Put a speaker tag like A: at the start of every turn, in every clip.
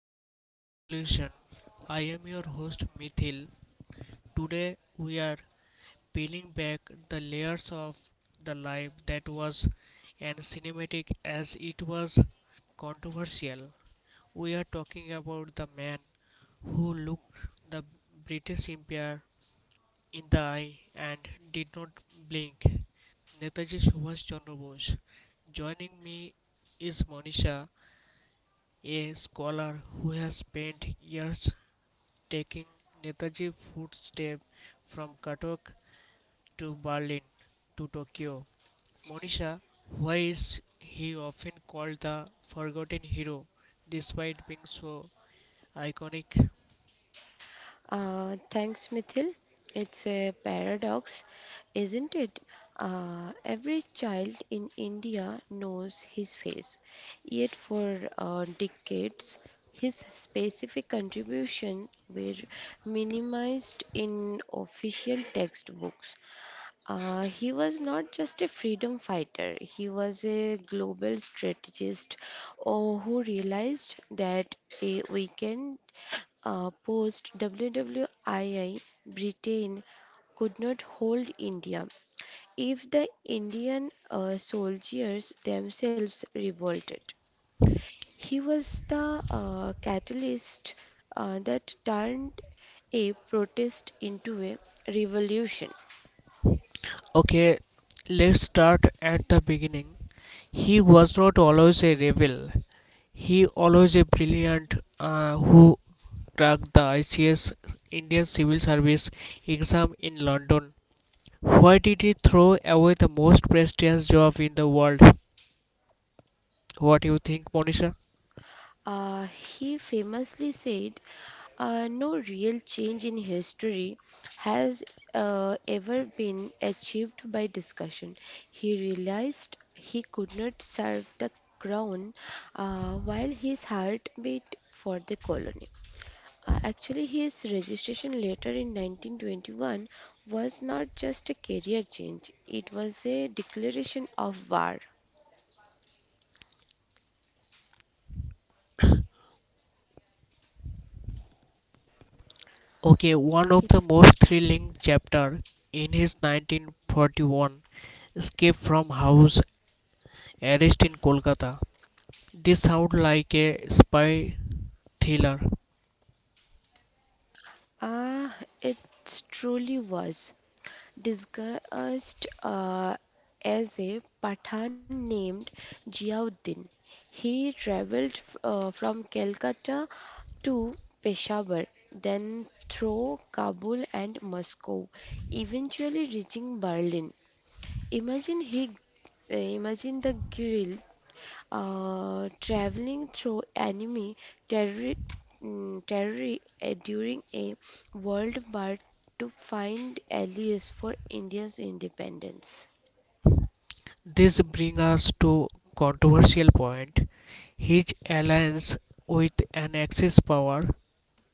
A: Unfinished Revolution. I am your host Mithil. Today we are peeling back the layers of the life that was as cinematic as it was controversial. We are talking about the man who looked the British Empire in the eye and did not blink. Netaji Subhash Chandra Bose. Joining me is Monisha, a scholar who has spent years taking Netaji footsteps from Katok to Berlin to Tokyo. Monisha, why is he often called the forgotten hero despite being so iconic?
B: Isn't it? Every child in India knows his face, yet, for decades, his specific contribution were minimized in official textbooks. He was not just a freedom fighter, he was a global strategist who realized that a weakened post WWII, Britain could not hold India if the Indian soldiers themselves revolted. He was the catalyst that turned a protest into a revolution.
A: Okay, let's start at the beginning. He was not always a rebel. He always a brilliant who cracked the ICS Indian Civil Service exam in London. Why did he throw away the most prestigious job in the world? What do you think, Monisha?
B: He famously said, no real change in history has ever been achieved by discussion. He realized he could not serve the crown while his heart beat for the colony. Actually, his registration letter in 1921 was not just a career change, it was a declaration of war.
A: Okay, one of the
B: Yes.
A: most thrilling chapter in his 1941 escape from house arrest in Kolkata. This sounds like a spy thriller.
B: Ah, it truly was. Disguised as a Pathan named Ziauddin. He traveled from Calcutta to Peshawar, then through Kabul and Moscow, eventually reaching Berlin. Imagine he uh, Imagine the guilt traveling through enemy terri territory during a world war to find allies for India's independence.
A: This brings us to controversial point. His alliance with an Axis power.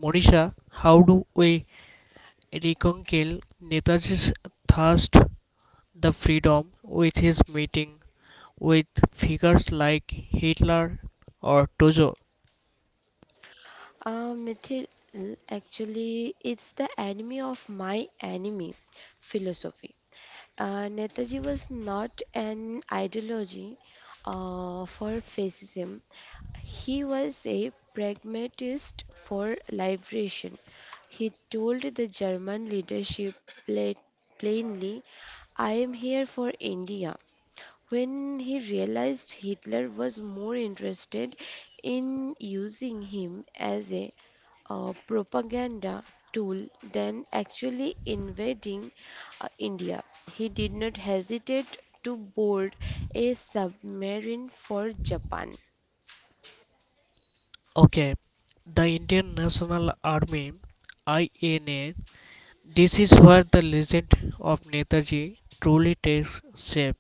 A: Monisha, how do we reconcile Netaji's thirst the freedom with his meeting with figures like Hitler or Tojo?
B: Mithil, actually, it's the enemy of my enemy philosophy. Netaji was not an ideology for fascism. He was a pragmatist for liberation. He told the German leadership pla- plainly, I am here for India. When he realized Hitler was more interested in using him as a propaganda tool than actually invading India, he did not hesitate to board a submarine for Japan.
A: Okay, the Indian National Army INA. This is where the legend of Netaji truly takes shape.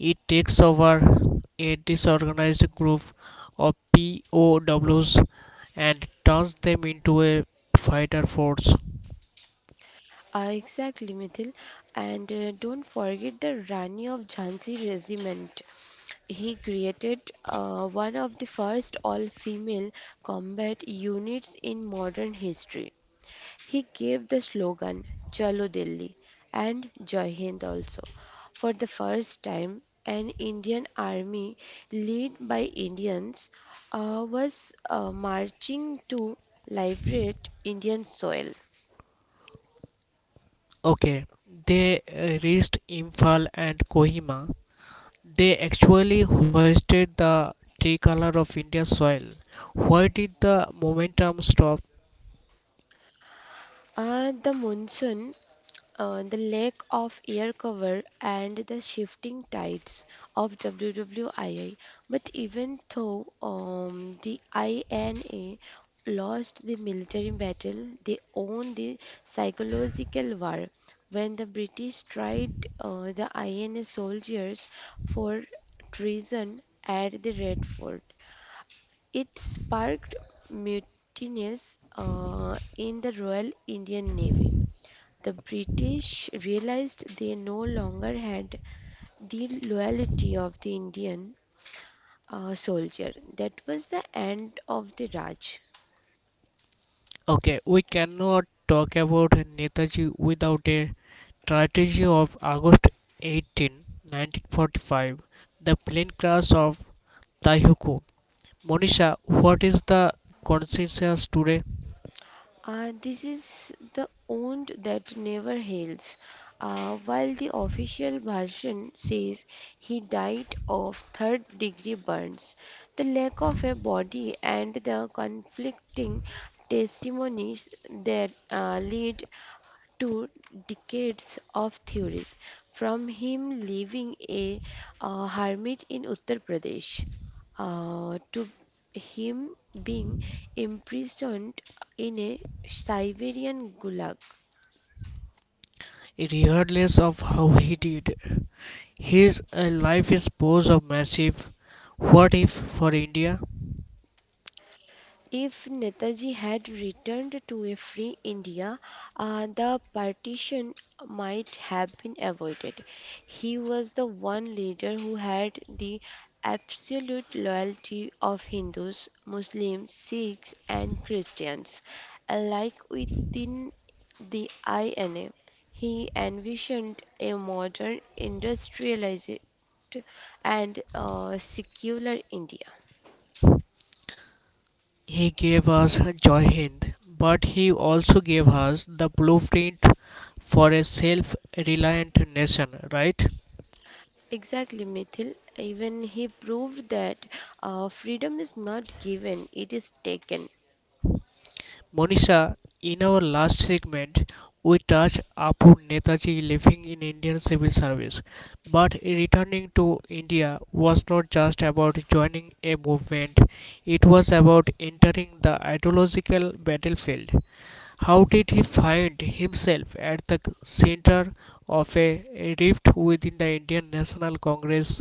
A: It takes over a disorganized group of POWs and turns them into a fighter force.
B: Exactly, Mithil. And don't forget the Rani of Jhansi regiment. He created one of the first all female combat units in modern history. He gave the slogan Chalo Delhi and Jai Hind also. For the first time, an Indian army led by Indians was marching to liberate Indian soil.
A: Okay, they reached Imphal and Kohima. They actually hoisted the tricolor of India's soil. Why did the momentum stop?
B: The monsoon, the lack of air cover and the shifting tides of WWII. But even though the INA lost the military battle, they won the psychological war. When the British tried the INA soldiers for treason at the Red Fort, it sparked mutinies in the Royal Indian Navy. The British realized they no longer had the loyalty of the Indian soldier. That was the end of the Raj.
A: Okay, we cannot talk about Netaji without a tragedy of August 18, 1945, the plane crash of Taihuku. Monisha, what is the consciousness today?
B: This is the wound that never heals. While the official version says he died of third degree burns, the lack of a body and the conflicting testimonies that lead to decades of theories, from him living a hermit in Uttar Pradesh to him being imprisoned in a Siberian gulag.
A: Regardless of how he did, his life is pose of massive what if for India.
B: If Netaji had returned to a free India, the partition might have been avoided. He was the one leader who had the absolute loyalty of Hindus, Muslims, Sikhs, and Christians. Alike within the INA, he envisioned a modern industrialized and secular India.
A: He gave us Joy Hind, but he also gave us the blueprint for a self reliant nation, right?
B: Exactly, Mithil. Even he proved that freedom is not given, it is taken.
A: Monisha, in our last segment, we touched upon Netaji living in Indian civil service, but returning to India was not just about joining a movement, it was about entering the ideological battlefield. How did he find himself at the center of a rift within the Indian National Congress?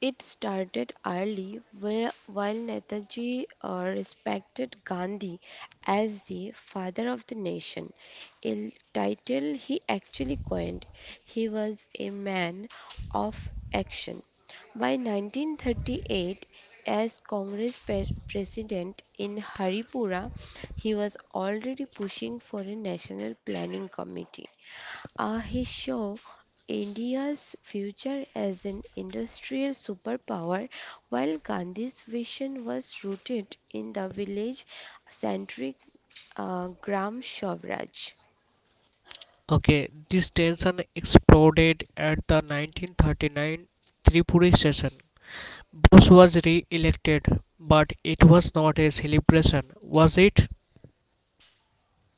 B: It started early where, while Netaji respected Gandhi as the father of the nation, a title he actually coined. He was a man of action. By 1938, as Congress president in Haripura, he was already pushing for a national planning committee. He showed India's future as an industrial superpower, while Gandhi's vision was rooted in the village centric Gram Swaraj.
A: Okay, this tension exploded at the 1939 Tripuri session. Bose was re-elected, but it was not a celebration, was it?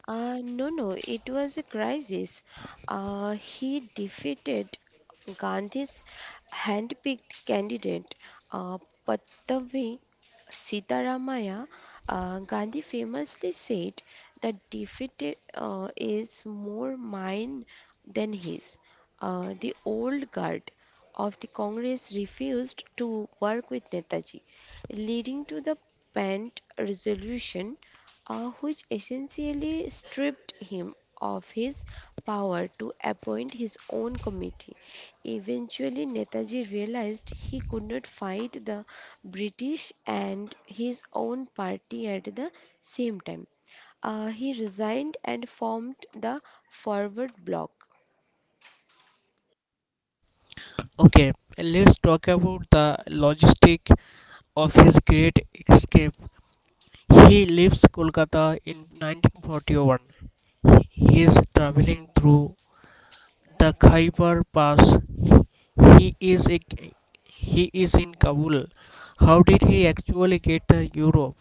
B: No, no, it was a crisis. He defeated Gandhi's handpicked candidate, uh, Pattavi Sitaramaya. Gandhi famously said that defeat is more mine than his. The old guard of the Congress refused to work with Netaji, leading to the Pant Resolution which essentially stripped him of his power to appoint his own committee. Eventually, Netaji realized he could not fight the British and his own party at the same time. He resigned and formed the Forward Bloc.
A: Okay, let's talk about the logistics of his great escape. He leaves Kolkata in 1941. He is traveling through the Khyber Pass. He is a, he is in Kabul. How did he actually get to Europe?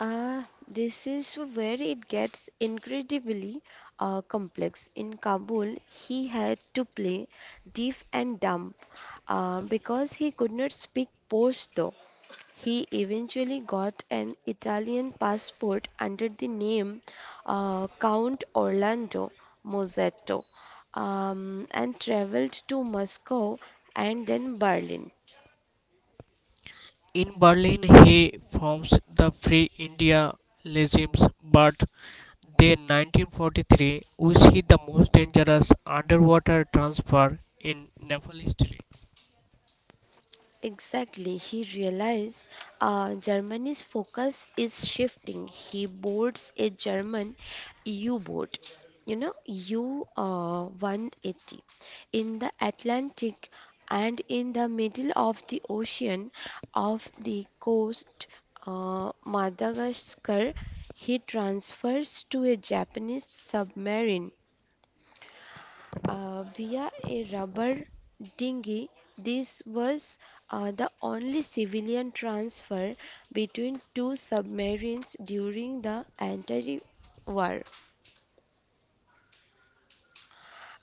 B: This is where it gets incredibly complex. In Kabul, he had to play deaf and dumb because he could not speak Pashto. He eventually got an Italian passport under the name Count Orlando Mozzetto, and traveled to Moscow and then Berlin.
A: In Berlin, he forms the Free India regimes, but then, 1943 we see the most dangerous underwater transfer in naval history.
B: Exactly, he realized Germany's focus is shifting. He boards a German U boat, you know, U 180 in the Atlantic and in the middle of the ocean off the coast Madagascar. He transfers to a Japanese submarine via a rubber dinghy. This was the only civilian transfer between two submarines during the entire war,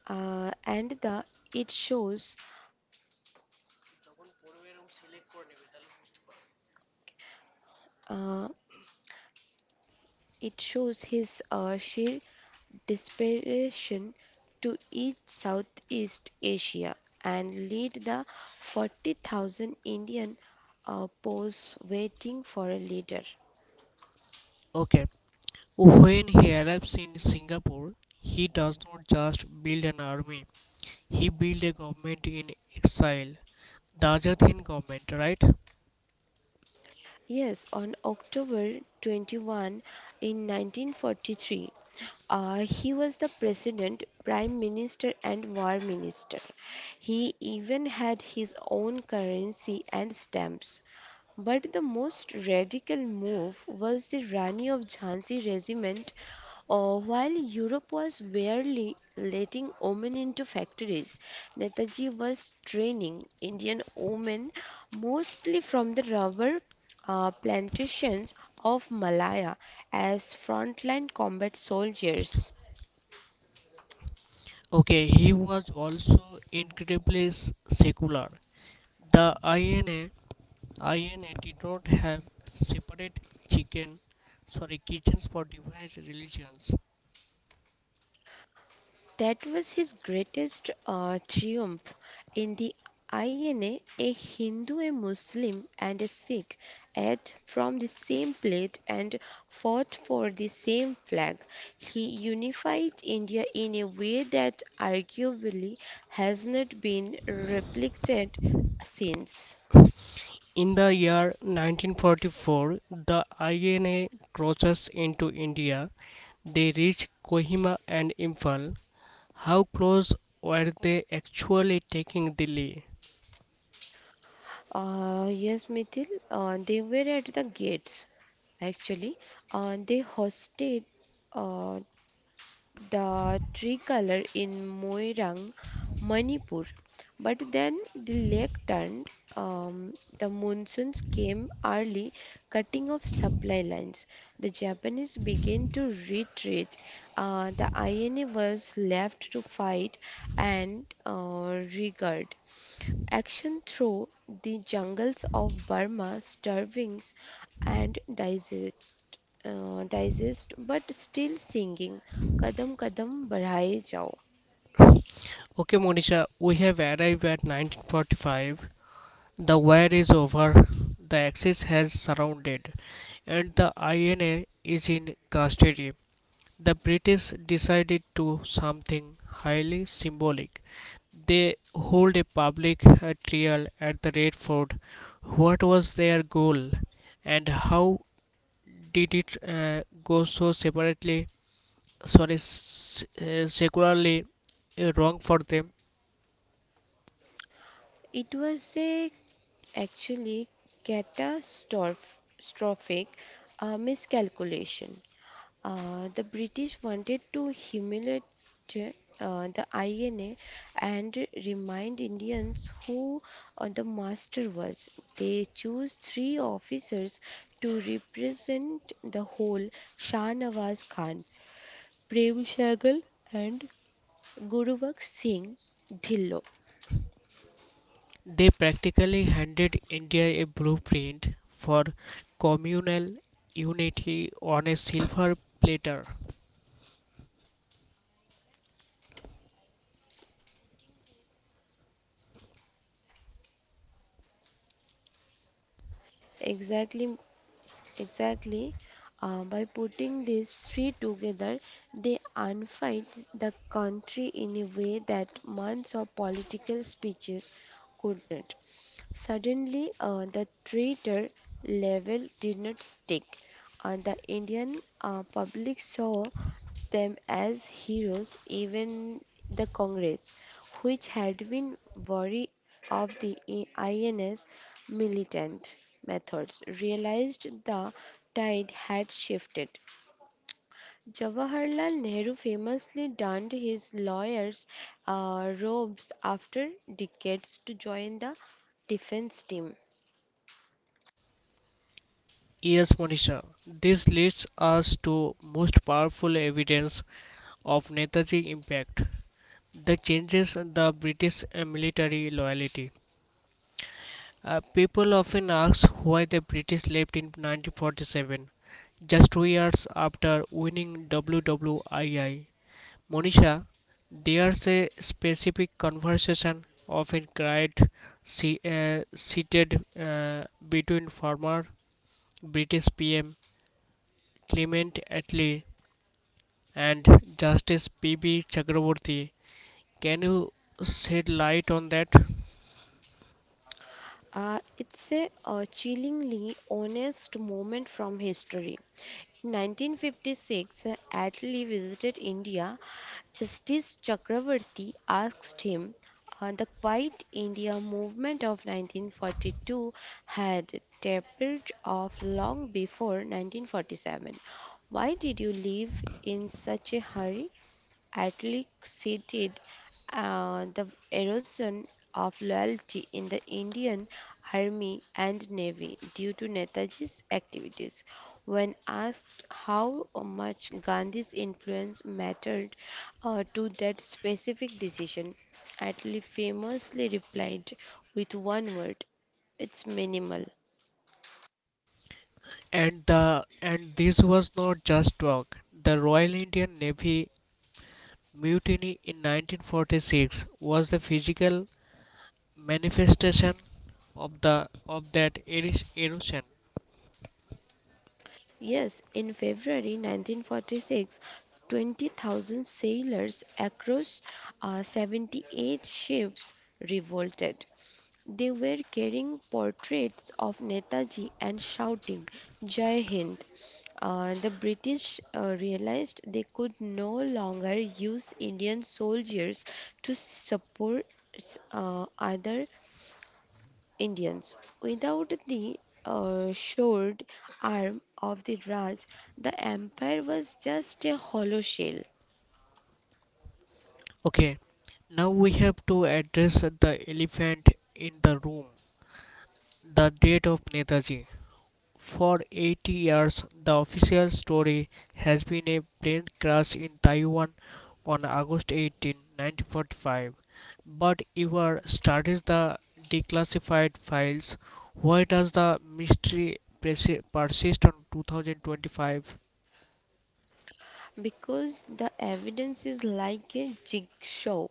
B: and the it shows uh, it shows his sheer desperation to each Southeast Asia and lead the 40,000 Indian posts waiting for a leader.
A: Okay, when he arrives in Singapore, he does not just build an army; he built a government in exile, the Azad Hind government, right?
B: Yes, on October 21 in 1943, he was the president, prime minister, and war minister. He even had his own currency and stamps. But the most radical move was the Rani of Jhansi regiment. While Europe was barely letting women into factories, Netaji was training Indian women mostly from the rubber plantations of Malaya as frontline combat soldiers.
A: Okay, he was also incredibly secular. The INA, INA did not have separate chicken, kitchens for different religions.
B: That was his greatest triumph in the INA, a Hindu, a Muslim, and a Sikh ate from the same plate and fought for the same flag. He unified India in a way that arguably has not been replicated since.
A: In the year 1944, the INA crosses into India. They reach Kohima and Imphal. How close were they actually taking Delhi?
B: Yes, Mithil, they were at the gates actually. They hosted. Uh, the tricolor in Moirang, Manipur. But then the lake turned, um, the monsoons came early, cutting off supply lines. The Japanese began to retreat. The INA was left to fight and rearguard. Action through the jungles of Burma, starvings and disease digest but still singing kadam kadam badhaye jao.
A: Okay, Monisha, we have arrived at 1945. The wire is over, the axis has surrounded, and the INA is in custody. The British decided to do something highly symbolic. They hold a public trial at the Red Fort. What was their goal, and how did it go so secularly wrong for them?
B: It was a actually catastrophic miscalculation. The british wanted to humiliate the INA and remind Indians who the master was. They chose three officers to represent the whole Shah Nawaz Khan, Prem Sehgal, and Guruvak Singh Dhillo.
A: They practically handed India a blueprint for communal unity on a silver platter.
B: Exactly, exactly. By putting these three together, they unified the country in a way that months of political speeches could not. Suddenly, the traitor level did not stick. The Indian public saw them as heroes, even the Congress, which had been wary of the INS militant methods, realized the tide had shifted. Jawaharlal Nehru famously donned his lawyer's robes after decades to join the defense team.
A: Yes, Monisha, this leads us to most powerful evidence of Netaji's impact. The changes in the British military loyalty. People often ask why the British left in 1947, just 2 years after winning WWII. Monisha, there's a specific conversation often cried seated between former British PM Clement Attlee and Justice P.B. Chakraborty. Can you shed light on that?
B: It's a chillingly honest moment from history. In 1956, Atlee visited India. Justice Chakravarti asked him, the Quiet India movement of 1942 had tapered off long before 1947. Why did you leave in such a hurry? Athlete cited the erosion of loyalty in the Indian Army and Navy due to Netaji's activities. When asked how much Gandhi's influence mattered to that specific decision, Atlee famously replied with one word, it's minimal.
A: And this was not just talk. The Royal Indian Navy mutiny in 1946 was the physical manifestation of that erosion.
B: Yes, in February 1946, 20,000 sailors across 78 ships revolted. They were carrying portraits of Netaji and shouting, Jai Hind. The British realized they could no longer use Indian soldiers to support other Indians. Without the shored arm of the Raj, the empire was just a hollow shell.
A: Okay, now we have to address the elephant in the room, the death of Netaji. For 80 years, the official story has been a plane crash in Taiwan on August 18, 1945. But Ivar studies the declassified files. Why does the mystery persist on 2025?
B: Because the evidence is like a jigsaw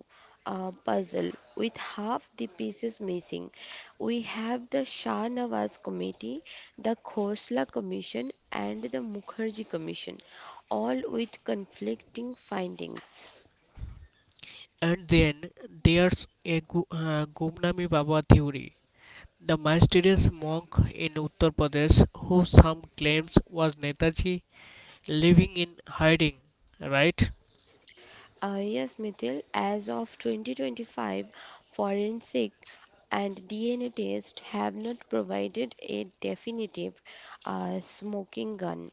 B: puzzle with half the pieces missing. We have the Shah Nawaz Committee, the Khosla Commission, and the Mukherjee Commission, all with conflicting findings.
A: And then there's a Gumnami Baba theory. The mysterious monk in Uttar Pradesh, who some claims was Netaji, living in hiding, right?
B: Yes, Mithil, as of 2025, forensic and DNA tests have not provided a definitive smoking gun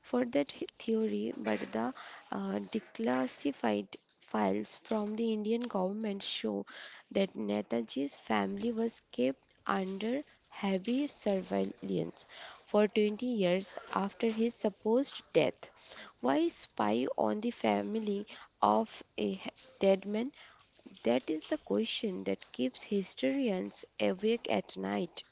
B: for that theory, but the declassified files from the Indian government show that Netaji's family was kept under heavy surveillance for 20 years after his supposed death. Why spy on the family of a dead man? That is the question that keeps historians awake at night.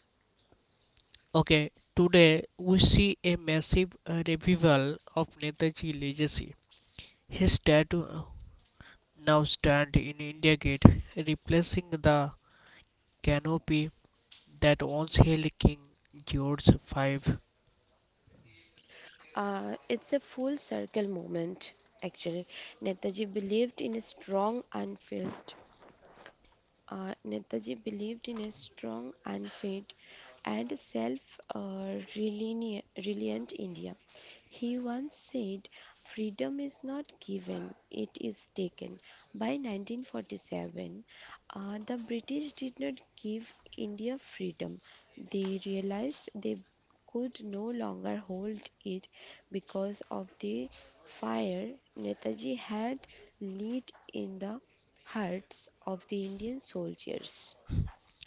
A: Okay, today we see a massive revival of Netaji legacy. His statue now stands in India Gate, replacing the canopy that once held King George V.
B: It's a full circle moment, actually. Netaji believed in a strong and Netaji believed in a strong and fit and self reliant India. He once said, freedom is not given, it is taken. By 1947, the British did not give India freedom. They realized they could no longer hold it because of the fire Netaji had lit in the Hearts of the Indian Soldiers.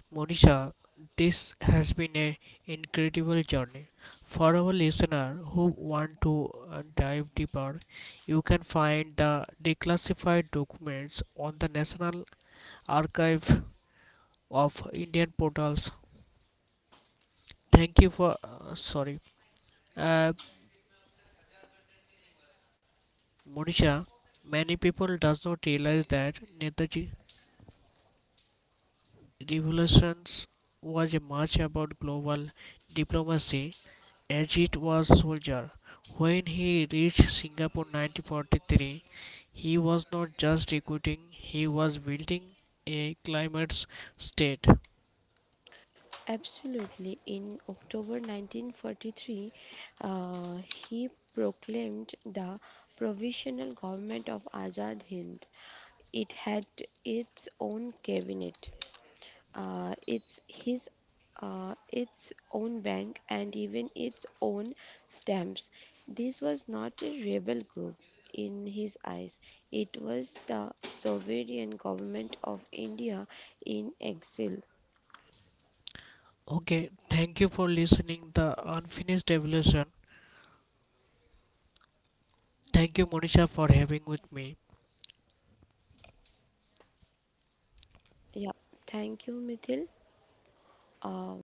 A: Monisha, this has been an incredible journey. For our listener who want to dive deeper, you can find the declassified documents on the National Archive of Indian Portals. Thank you for uh, Monisha. Many people does not realize that Netaji revolutions was a much about global diplomacy as was soldier. When he reached Singapore 1943, he was not just recruiting, he was building a climate state.
B: Absolutely. In October 1943, uh, he proclaimed the Provisional Government of Azad Hind. It had its own cabinet. It's his Its own bank and even its own stamps. This was not a rebel group in his eyes. It was the sovereign government of India in exile.
A: Okay, thank you for listening the unfinished evolution. Thank you Monisha for having with me.
B: Yeah, thank you, Mithil. Um,